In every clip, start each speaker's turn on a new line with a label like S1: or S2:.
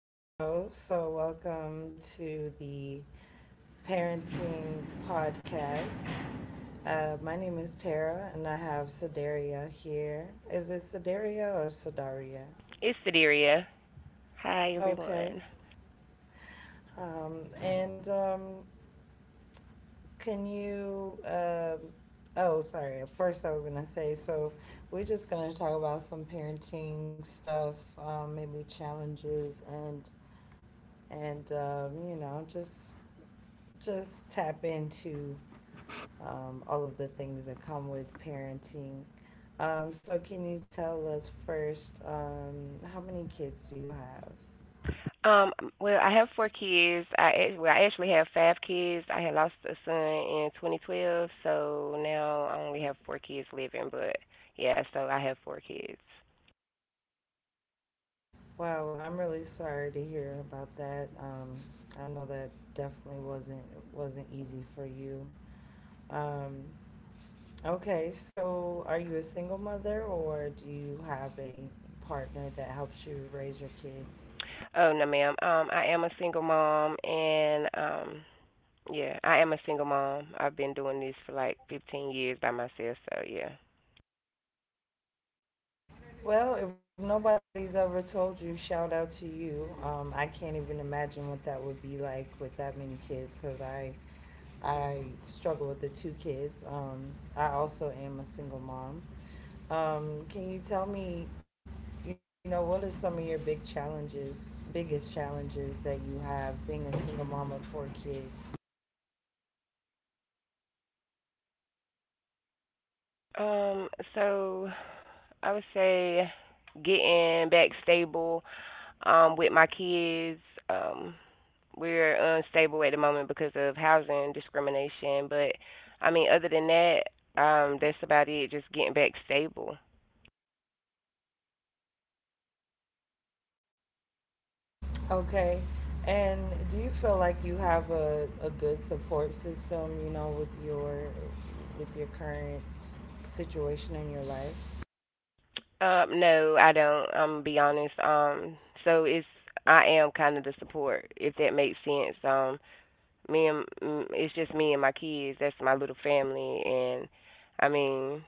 S1: Hello, so welcome to the Parenting Podcast. My name is Tara, and I have Sedaria here. Is it Sedaria or Sedaria?
S2: It's Sadiria. Hi,
S1: Okay.
S2: everyone.
S1: And can you? Oh, sorry. At first, I was gonna say. So we're just gonna talk about some parenting stuff, maybe challenges and you know just tap into all of the things that come with parenting. So can you tell us first how many kids do you have?
S2: Um, I have four kids. I actually have five kids. I had lost a son in 2012, so now I only have four kids living. But yeah, so I have four kids.
S1: Wow, I'm really sorry to hear about that. I know that definitely wasn't easy for you. Um, okay, so are you a single mother or do you have a partner that helps you raise your kids?
S2: Oh no, ma'am. I am a single mom, and yeah, I am a single mom. I've been doing this for like 15 years by myself. So yeah.
S1: Well, if nobody's ever told you, shout out to you. I can't even imagine what that would be like with that many kids because I struggle with the two kids. I also am a single mom. Can you tell me, you know, what are some of your big biggest challenges that you have being a single mom with four kids?
S2: Um, so I would say getting back stable with my kids. Um, we're unstable at the moment because of housing discrimination, but I mean, other than that, that's about it. Just getting back stable.
S1: Okay. And do you feel like you have a good support system, you know, with your current situation in your life?
S2: No, I don't. I'm gonna be honest. So it's I am kind of the support, if that makes sense. Me and it's just me and my kids. That's my little family, and I mean,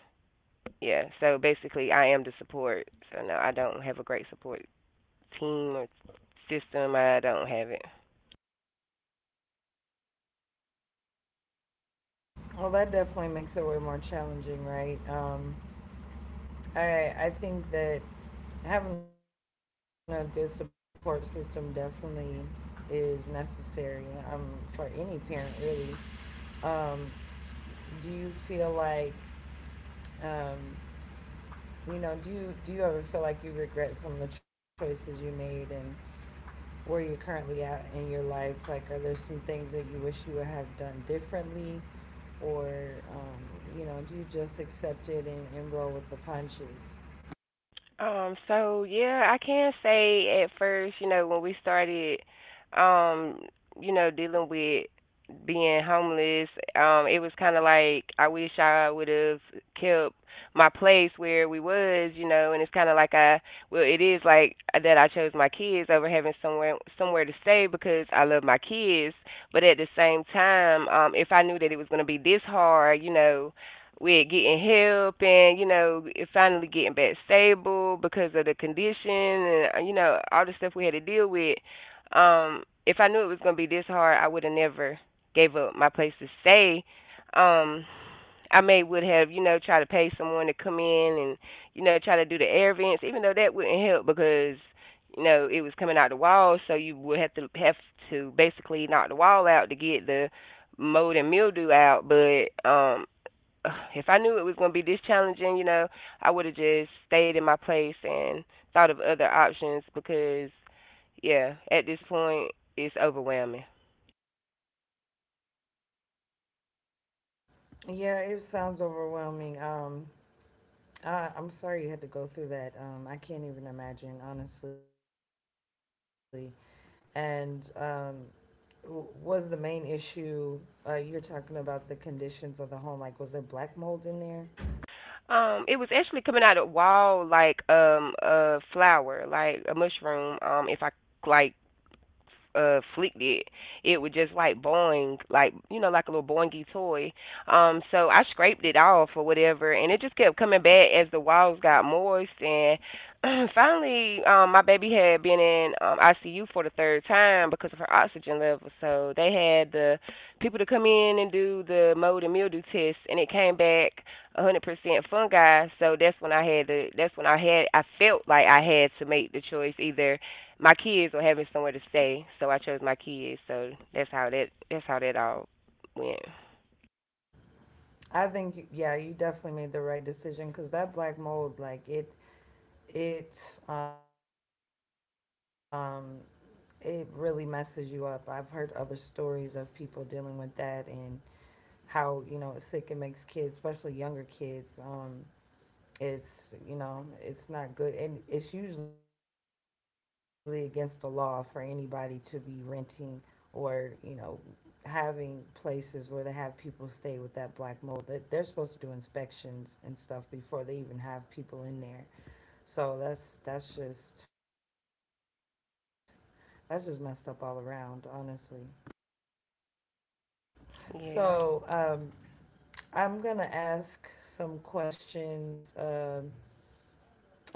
S2: yeah. So basically, I am the support. So no, I don't have a great support team or system. I don't have it.
S1: Well, that definitely makes it way more challenging, right? I think that having a good support system definitely is necessary, um, for any parent, really. Um, do you feel like um, you know do you ever feel like you regret some of the choices you made and where you're currently at in your life? Like, are there some things that you wish you would have done differently? Or, you know, do you just accept it and, roll with the punches?
S2: Yeah, I can say at first, you know, when we started, um, you know, dealing with being homeless, it was kind of like I wish I would have kept my place where we was, you know, and it's kind of like it is like that I chose my kids over having somewhere to stay because I love my kids, but at the same time, if I knew that it was going to be this hard, you know, with getting help and you know finally getting back stable because of the condition and you know all the stuff we had to deal with if I knew it was going to be this hard, I would have never gave up my place to stay. um I may would have, you know, try to pay someone to come in and, you know, try to do the air vents, even though that wouldn't help because, you know, it was coming out the wall, so you would have to basically knock the wall out to get the mold and mildew out. But if I knew it was going to be this challenging, you know, I would have just stayed in my place and thought of other options because, yeah, at this point, it's overwhelming.
S1: Yeah, it sounds overwhelming. I'm sorry you had to go through that. I can't even imagine, honestly. And um, was the main issue, you're talking about the conditions of the home, like, was there black mold in there?
S2: It was actually coming out of the wall like a flower, like a mushroom. If I like Fleek did. It was just like boing, like you know, like a little boingy toy. So I scraped it off or whatever, and it just kept coming back as the walls got moist. And finally, my baby had been in ICU for the third time because of her oxygen level. So they had the people to come in and do the mold and mildew test, and it came back 100% fungi. So that's when I had to. That's when I had. I felt like I had to make the choice either my kids were having somewhere to stay, so I chose my kids. So that's how that all went.
S1: Yeah, you definitely made the right decision because that black mold, like it, it really messes you up. I've heard other stories of people dealing with that and how, you know, sick it makes kids, especially younger kids. It's, you know, it's not good, and it's usually against the law for anybody to be renting or, you know, having places where they have people stay with that black mold. They're supposed to do inspections and stuff before they even have people in there, so that's just messed up all around, honestly.
S2: Yeah.
S1: So I'm gonna ask some questions, um,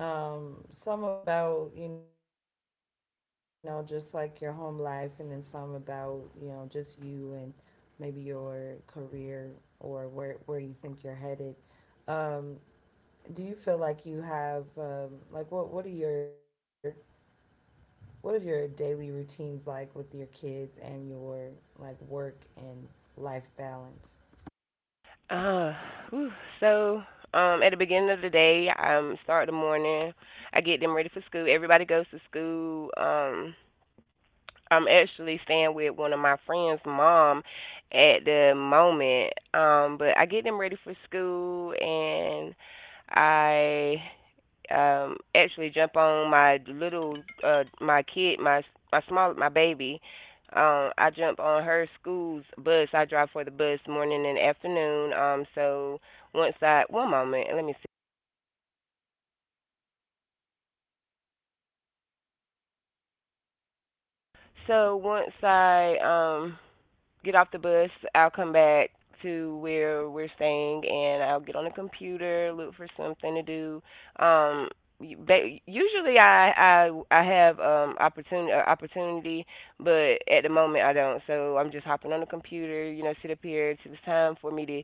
S1: um, some about, you know, just like your home life, and then some about, you know, just you and maybe your career or where you think you're headed. Um, do you feel like you have, like what are your daily routines like with your kids and your like work and life balance?
S2: Uh. Whew. So at the beginning of the day, I start the morning. I get them ready for school. Everybody goes to school. I'm actually staying with one of my friends' mom at the moment. But I get them ready for school and I actually jump on my little my kid my my small my baby. I jump on her school's bus. I drive for the bus morning and afternoon. Um so once I one moment let me see So once I get off the bus, I'll come back to where we're staying, and I'll get on the computer, look for something to do. Um, usually I have opportunity, but at the moment I don't. So I'm just hopping on the computer, you know, sit up here. It's time for me to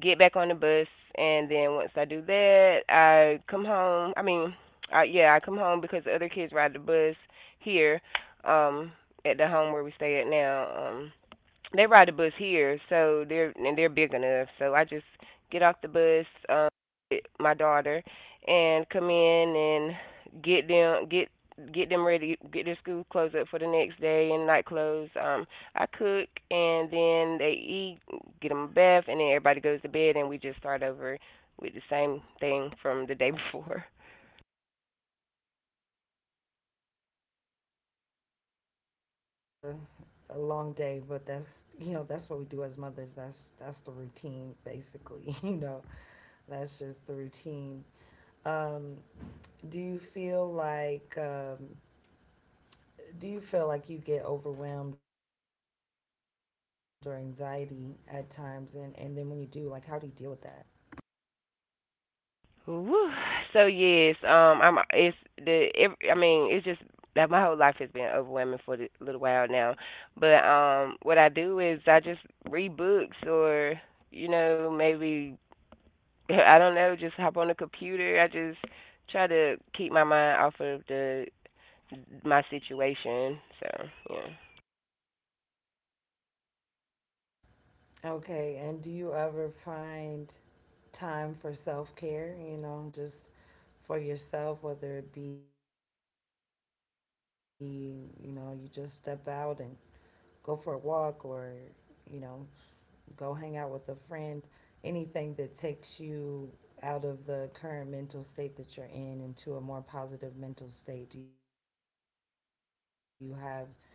S2: get back on the bus, and then once I do that, I, yeah, I come home because the other kids ride the bus here um at the home where we stay at now. They ride the bus here, so they're big enough. So I just get off the bus, get my daughter, and come in and get them ready, get their school clothes up for the next day and night clothes. I cook and then they eat, get them a bath, and then everybody goes to bed and we just start over with the same thing from the day before.
S1: It sounds like a long day, but that's, you know, that's what we do as mothers. That's the routine basically. You know that's just the routine. Um, do you feel like um, do you feel like you get overwhelmed or anxiety at times, and then when you do, like, how do you deal with that?
S2: Woo. So yes, I'm it's the every, I mean it's just that my whole life has been overwhelming for the little while now, but what I do is I just read books or you know maybe I don't know, just hop on the computer. I just try to keep my mind off of the my situation. So yeah.
S1: Okay, and do you ever find time for self-care, you know, just for yourself, whether it be, you know, you just step out and go for a walk or, you know, go hang out with a friend, anything that takes you out of the current mental state that you're in into a more positive mental state? Do you have anything like that that you do?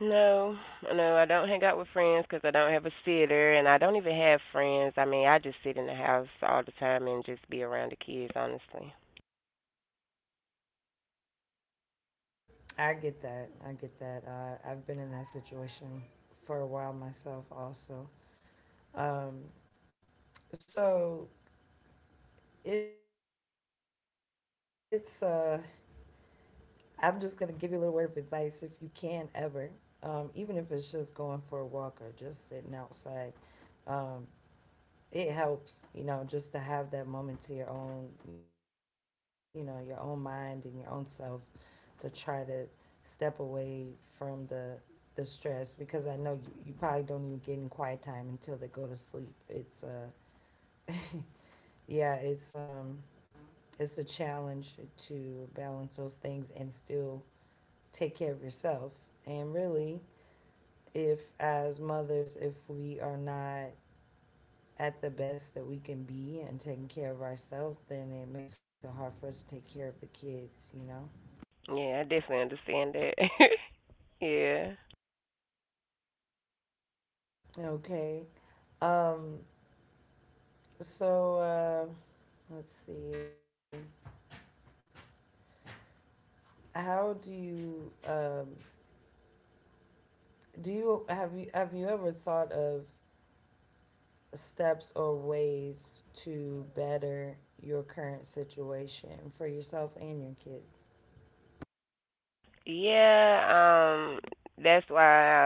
S2: No, no, I don't hang out with friends because I don't have a sitter, and I don't even have friends. I mean, I just sit in the house all the time and just be around the kids, honestly.
S1: I get that. I get that. I've been in that situation for a while myself, also. Um, so it's. I'm just gonna give you a little word of advice. If you can ever, even if it's just going for a walk or just sitting outside. Um, it helps, you know, just to have that moment to your own, you know, your own mind and your own self, to try to step away from the stress, because I know you probably don't even get in quiet time until they go to sleep. It's yeah, it's um it's a challenge to balance those things and still take care of yourself. And really, if as mothers, if we are not at the best that we can be and taking care of ourselves, then it makes it hard for us to take care of the kids, you know?
S2: Yeah, I definitely understand that. Yeah.
S1: Okay. Um, So uh, let's see. How do you have you have you ever thought of steps or ways to better your current situation for yourself and your
S2: Yeah, that's why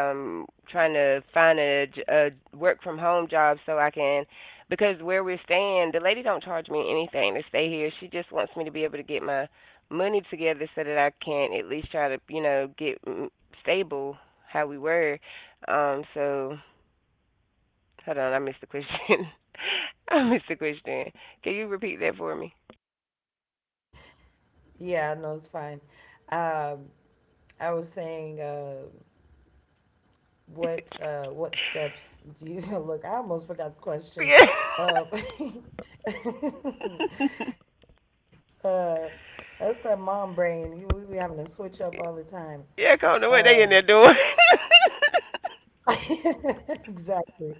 S2: I'm trying to find a work from home job so I can, because where we're staying, the lady don't charge me anything to stay here. She just wants me to be able to get my money together so that I can at least try to, you know, get stable how we were. Um, so hold on, I missed the question. I missed the question. Can you repeat that for me?
S1: kids? Yeah, I know it's fine. Um, I was saying what steps do you look? I almost forgot the
S2: Yeah,
S1: question. Uh, uh that's that mom brain. We be having to switch up all the time.
S2: yeah, I don't know what
S1: Um,
S2: they in there doing.
S1: exactly.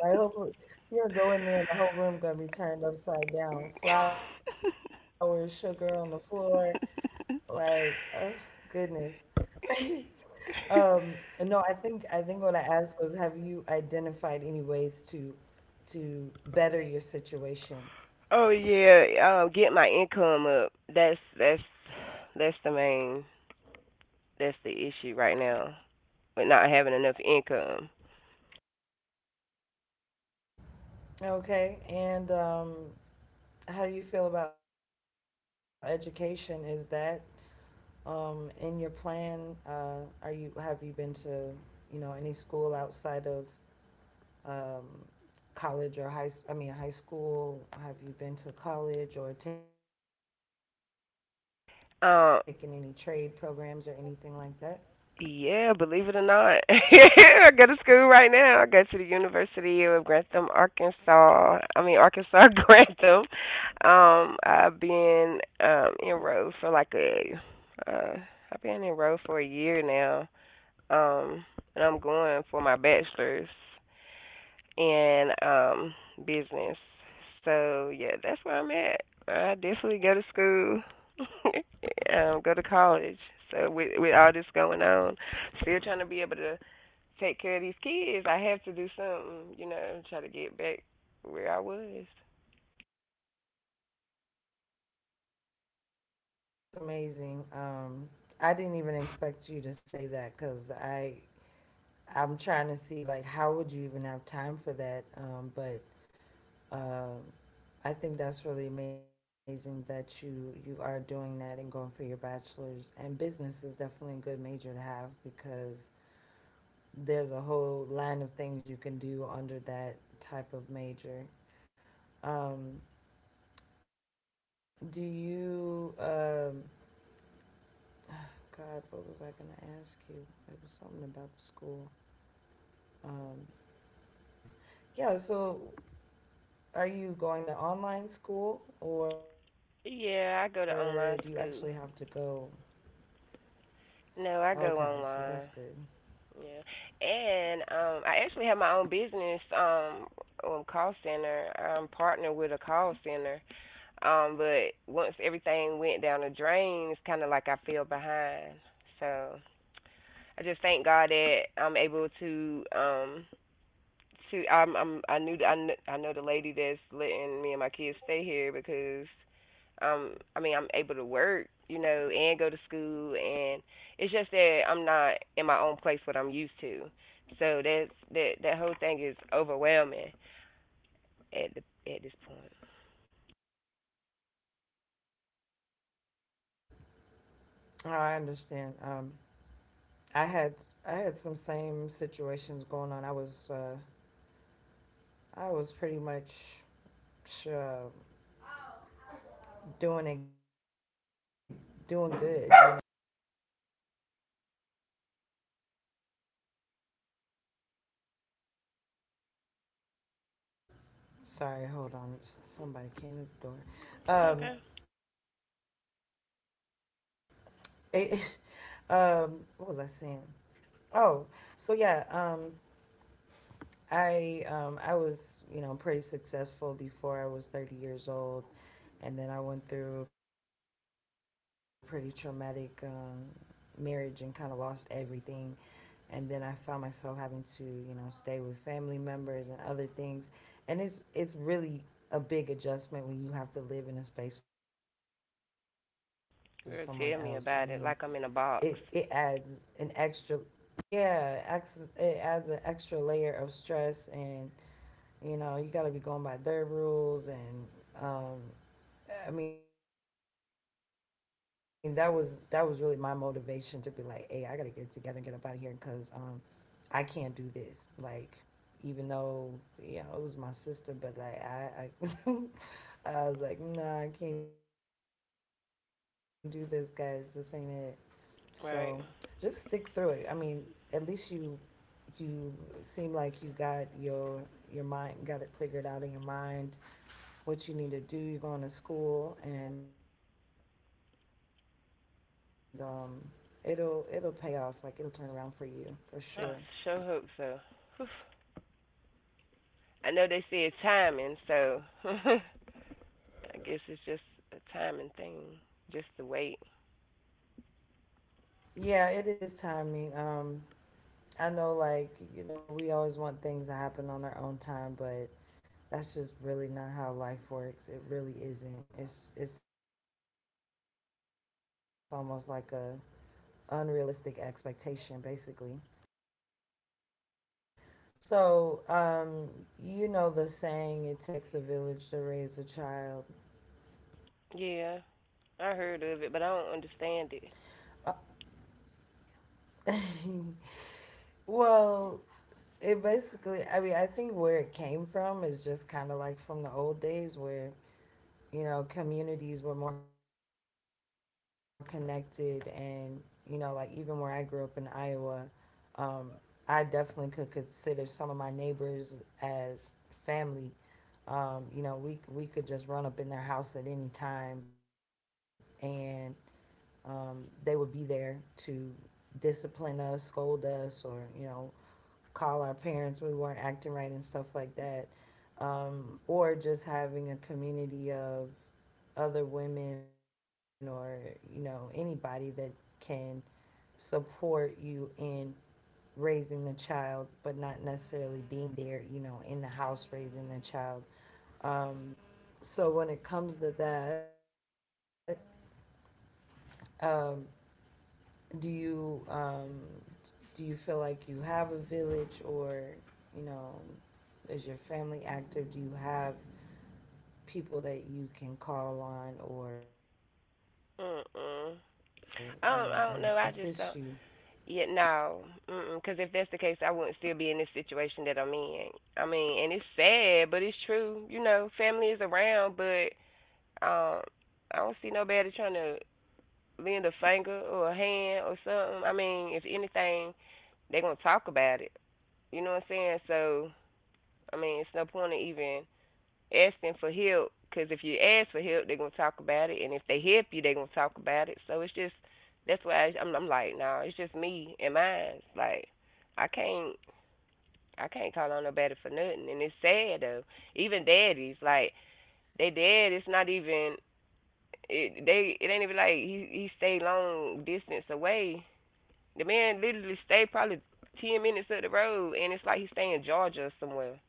S1: Like, hopefully you're gonna go in there and the whole room gonna be turned upside down. Flour, sugar on the floor, like, goodness. Um, no, I think what I asked was, have you identified any ways to better your situation.
S2: Oh yeah, get my income up. That's the main, that's the issue right now with not having enough income.
S1: Okay, and how do you feel about education? Is that, in your plan? Are you have you been to You know, any school outside of, um, college or high school. Have you been to college or taken any trade programs or anything like that?
S2: Um, yeah, believe it or not, I go to school right now. I go to the University of Grantham, Arkansas. I mean Arkansas Grantham. I've been enrolled for like a uh, I've been enrolled for a year now. Um, and I'm going for my bachelor's. And Business. So yeah, that's where I'm at. I definitely go to school, go to college. So with all this going on, still trying to be able to take care of these kids. I have to do something, you know, try to get back where I was.
S1: That's amazing. I didn't even expect you to say that because I I'm trying to see, like, how would you even have time for that? But um I think that's really amazing that you are doing that and going for your bachelor's. And business is definitely a good major to have, because there's a whole line of things you can do under that type of major. Um, do you? God, what was I gonna ask you? It was something about the school. Um, yeah, so are you going to online school,
S2: Yeah, I
S1: or
S2: go
S1: do
S2: to
S1: you
S2: online
S1: actually have to
S2: school.
S1: go?
S2: No, I go
S1: Okay, so
S2: online.
S1: that's good.
S2: Yeah. And I actually have my own business call center. I'm partnered with a call center. But once everything went down the drain, it's kind of like I fell behind. So I just thank God that I'm able to shoot, I'm, I knew, I, kn- I know the lady that's letting me and my kids stay here because, I mean, I'm able to work, you know, and go to school, and it's just that I'm not in my own place what I'm used to. So that whole thing is overwhelming at the at this point.
S1: Oh, I understand. I had I had some same situations going on. I was pretty much, uh, doing it doing good. Sorry, hold on. Somebody came to the door.
S2: Okay.
S1: It, um, what was I saying? Oh, so yeah. I was, you know, pretty successful before I was 30 years old, and then I went through a pretty traumatic, marriage, and kind of lost everything. And then I found myself having to, you know, stay with family members and other things, and it's really a big adjustment when you have to live in a space with someone else. I mean, it
S2: Girl, tell me
S1: adds
S2: about it.
S1: an
S2: Like I'm in a
S1: extra,
S2: box.
S1: yeah, it adds an extra layer of stress. And, you know, you got to be going by their rules, and, um, I mean, that was really my motivation to be like, hey, I got to get it together and get up out of here, because, I can't do this. Like, even though, you know, it was my sister, but like I was like, nah, I can't do this, guys. This ain't it. So just stick through it.
S2: Right.
S1: I mean, at least you seem like you got your mind got it figured out in your mind what you need to do. You're going to school, and, it'll pay off. Like, it'll turn around for you for sure.
S2: I sure hope so. Whew. I know they said timing, so I guess it's just a timing thing. Just to wait.
S1: Yeah, it is timing. I know, like, you know, we always want things to happen on our own time, but that's just really not how life works. It really isn't. It's almost like a unrealistic expectation, basically. So, you know the saying, it takes a village to raise a child.
S2: Yeah, I heard of it, but I don't understand it.
S1: Well, it basically, I mean, I think where it came from is just kind of like from the old days where, you know, communities were more connected. And, you know, like, even where I grew up in Iowa, um, I definitely could consider some of my neighbors as family. You know, we could just run up in their house at any time, and they would be there to discipline us, scold us, or, you know, call our parents we weren't acting right and stuff like that. Or just having a community of other women, or you know, anybody that can support you in raising the child, but not necessarily being there, you know, in the house raising the child. um, so when it comes to that, um, do you do you feel like you have a village, or you know, is your family active? Do you have people that you can call on, or, you know, assist you?
S2: Mm-mm. I don't. I don't know. I just don't. Yeah, no. Mm-mm. Because if that's the case, I wouldn't still be in this situation that I'm in. I mean, and it's sad, but it's true. You know, family is around, but um, I don't see nobody trying to lend a finger or a hand or something. I mean, if anything, they're gonna talk about it. You know what I'm saying? So, I mean, it's no point in even asking for help because if you ask for help, they're gonna talk about it, and if they help you, they're gonna talk about it. So it's just that's why I'm like, no, nah, it's just me and mine. Like I can't I can't call on nobody for nothing, and it's sad though. Even daddies, like they dad, it's not even it. They it ain't even like he stayed long distance away. The man literally stayed probably 10 minutes up the road, and it's like he stay in Georgia or somewhere.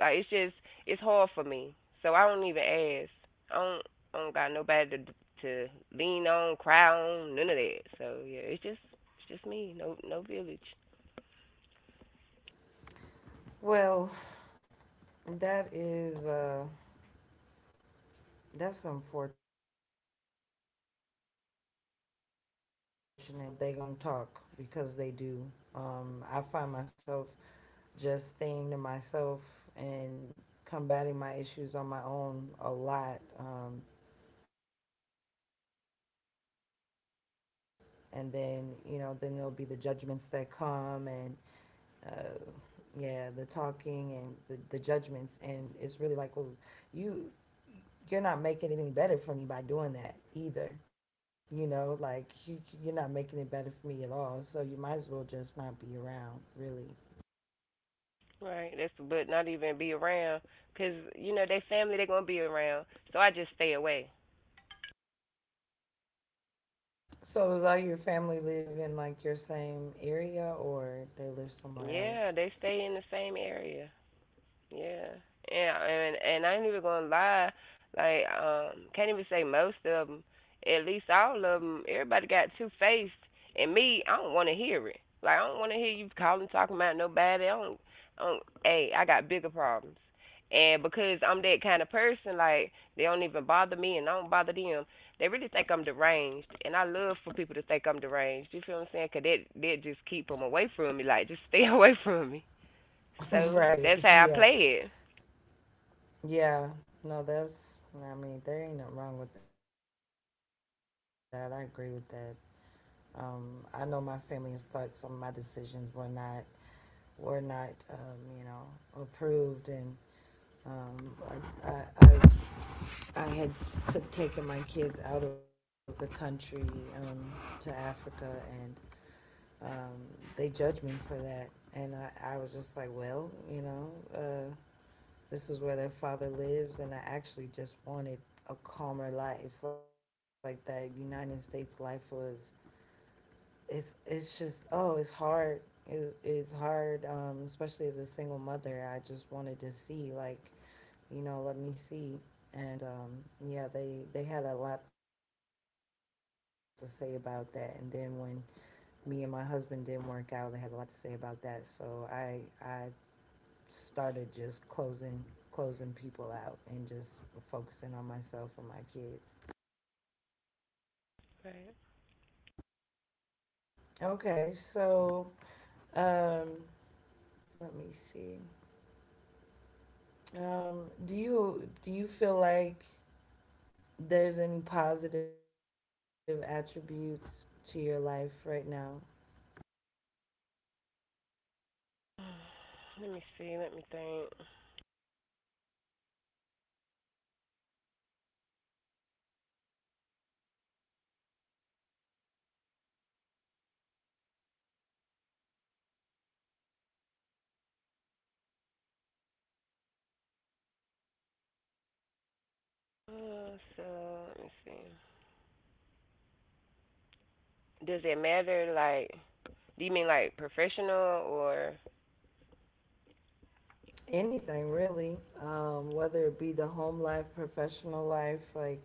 S2: Like it's just it's hard for me, so I don't even ask. I don't I don't got nobody to to lean on, cry on, none of that. So yeah, it's just me. No, no village.
S1: Well, that is that's unfortunate. That's really unfortunate. But I get what you're saying about they gonna talk, because they do. I find myself just staying to myself and combating my issues on my own a lot. And then, you know, then there'll be the judgments that come, and uh, yeah, the talking and the judgments, and it's really like, well, you you're not making it any better for me by doing that either. You know, like you're not making it better for me at all. So you might as well just not be around, really.
S2: Right. That's, but not even be around, 'cause you know they family they gonna be around. So I just stay away.
S1: So does all your family live in like your same area, or they live somewhere else?
S2: Yeah, they stay in the same area. Yeah. Yeah, and I ain't even gonna lie, like can't even say most of them. At least all of them, everybody got two faced, and me, I don't want to hear it. Like I don't want to hear you calling talking about nobody. I don't. Hey, I got bigger problems, and because I'm that kind of person, like they don't even bother me, and I don't bother them. They really think I'm deranged, and I love for people to think I'm deranged. You feel what I'm saying? 'Cause that just keep them away from me. Like just stay away from me. So
S1: Right.
S2: that's how I
S1: Yeah.
S2: play it.
S1: Yeah. No, that's. I mean, there ain't nothing wrong with that. I agree with that. I know my family has thought some of my decisions were not you know, approved, and um, I I had taken my kids out of the country, um, to Africa, and um, they judged me for that, and I was just like, well, you know, this is where their father lives, and I actually just wanted a calmer life. Like that United States life was it's just, oh, it's hard. It's hard, especially as a single mother. I just wanted to see, like, you know, let me see. And yeah, they had a lot to say about that. And then when me and my husband didn't work out, they had a lot to say about that, so I started just closing, closing people out, and just focusing on myself and my kids.
S2: Right.
S1: Okay, so um let me see. Do you feel like there's any positive attributes to your life right now?
S2: Let me see. Let me think. So let me see. Does it matter? Like, do you mean like professional or?
S1: Anything really, whether it be the home life, professional life, like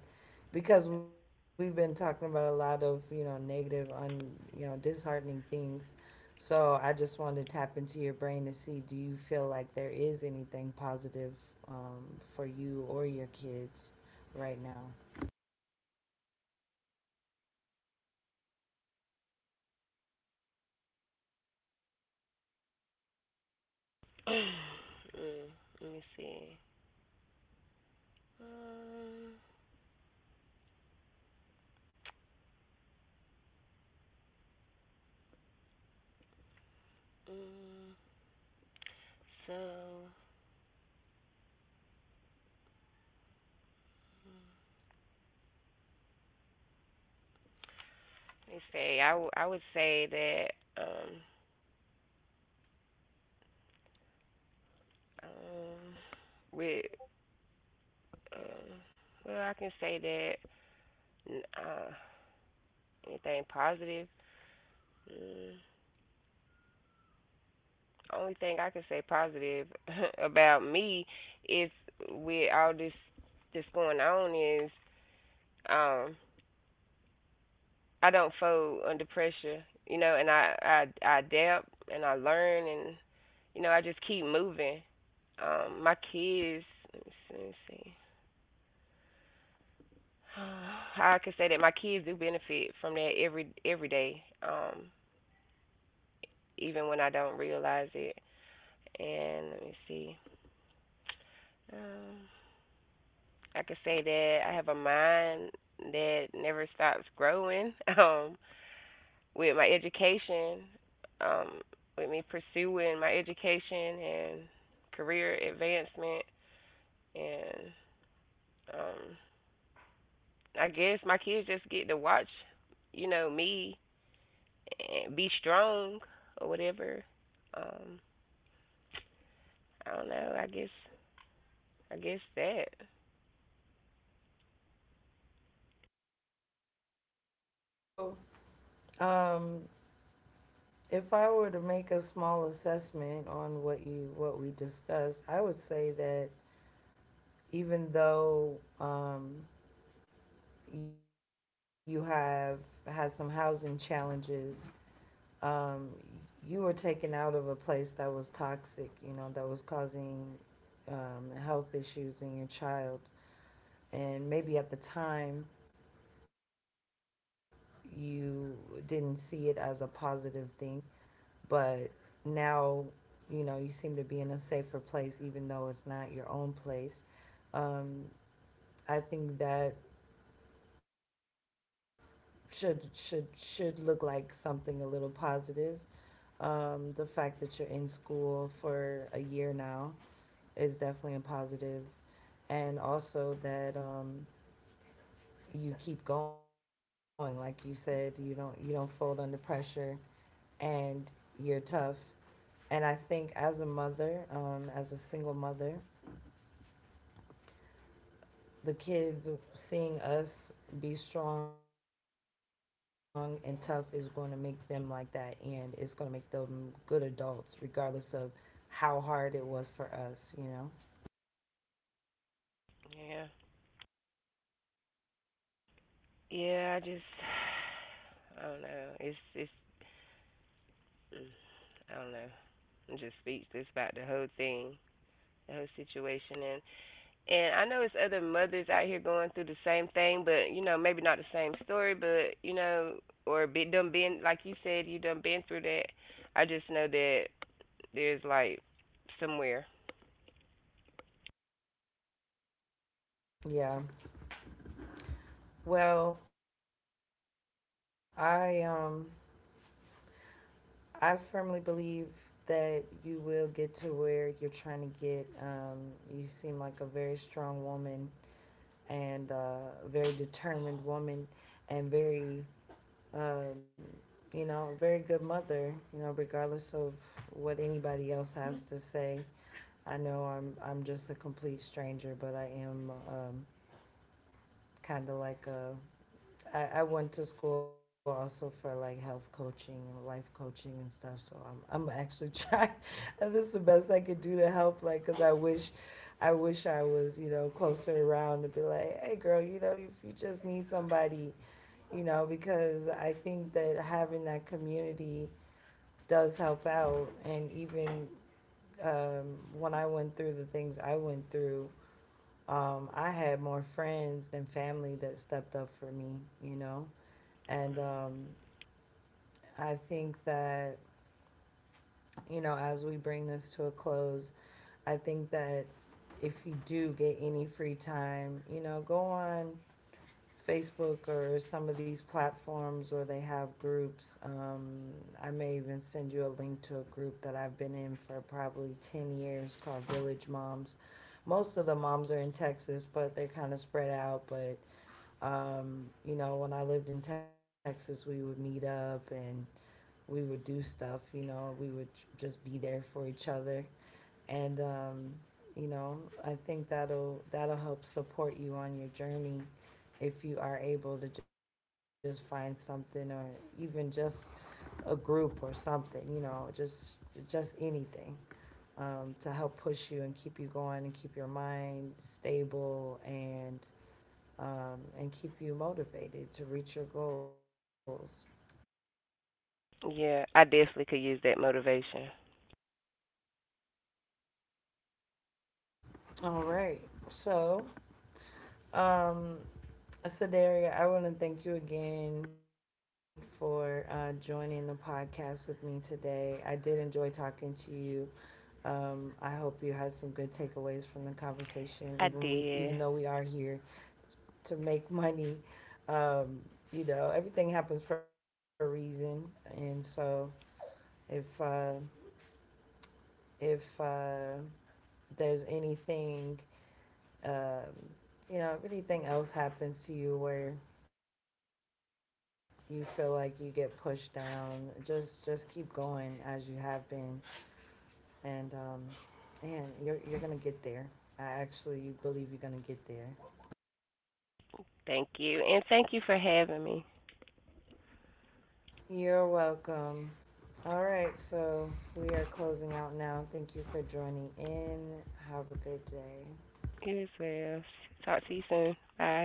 S1: because we've been talking about a lot of, you know, negative, un you know, disheartening things. So I just wanted to tap into your brain to see, do you feel like there is anything positive, for you or your kids right now?
S2: mm, let me see. Um, mm, so let me say. I would say that um with um well, I can say that n- uh anything positive. Mm, only thing I can say positive about me is with all this that's going on is um I don't fold under pressure, you know, and I adapt and I learn and you know I just keep moving. My kids, let me see. I can say that my kids do benefit from that every day, even when I don't realize it. And let me see. Um, I could say that I have a mind that never stops growing. With my education, um, with me pursuing my education and career advancement, and um, I guess my kids just get to watch, you know, me and be strong or whatever. Um, I don't know. I guess that.
S1: Okay, so um, if I were to make a small assessment on what what we discussed, I would say that even though, you have had some housing challenges, um, you were taken out of a place that was toxic, you know, that was causing, health issues in your child. And maybe at the time, you didn't see it as a positive thing. But now, you know, you seem to be in a safer place, even though it's not your own place. Um, I think that should look like something a little positive. The fact that you're in school for a year now is definitely a positive, and also that you keep going. Like you said, you don't fold under pressure, and you're tough. And I think as a mother, as a single mother, the kids seeing us be strong and tough is going to make them like that. And it's going to make them good adults, regardless of how hard it was for us, you know?
S2: Yeah. Yeah. I just I don't know. It's I don't know. I'm just speechless about the whole thing, the whole situation, and I know it's other mothers out here going through the same thing, but you know maybe not the same story, but you know or be done been like you said you done been through that. I just know that there's like somewhere.
S1: Yeah. Well, I firmly believe that you will get to where you're trying to get. You seem like a very strong woman, and very determined woman, and very um, you know, very good mother, you know, regardless of what anybody else has to say. I know I'm just a complete stranger, but I am, kind of like a I went to school also for like health coaching, and life coaching and stuff. So I'm actually trying. This is the best I could do to help. Like, cause I wish, I wish I was, you know, closer around to be like, hey, girl, you know, if you just need somebody, you know, because I think that having that community does help out. And even when I went through the things I went through, I had more friends than family that stepped up for me, you know. And I think that, you know, as we bring this to a close, I think that if you do get any free time, you know, go on Facebook or some of these platforms where they have groups. I may even send you a link to a group that I've been in for probably 10 years called Village Moms. Most of the moms are in Texas, but they're kind of spread out. But, you know, when I lived in Texas, we would meet up and we would do stuff, you know, we would just be there for each other. And, you know, I think that'll, that'll help support you on your journey if you are able to just find something, or even just a group or something, you know, just anything, to help push you and keep you going and keep your mind stable, and keep you motivated to reach your goals.
S2: Yeah, I definitely could use that motivation.
S1: All right, so um, Sadaria, I want to thank you again for joining the podcast with me today. I did enjoy talking to you. I hope you had some good takeaways from the conversation.
S2: I
S1: Even even though
S2: did.
S1: we are here to make money, um, you know, everything happens for a reason. And so, if uh, if there's anything um, you know, if anything else happens to you where you feel like you get pushed down, just keep going as you have been, and um, and you're gonna get there. I actually believe you're gonna get there.
S2: Thank you, and thank you for having me.
S1: You're welcome. All right, so we are closing out now. Thank you for joining in. Have a good day.
S2: You as well. Talk to you soon. Bye.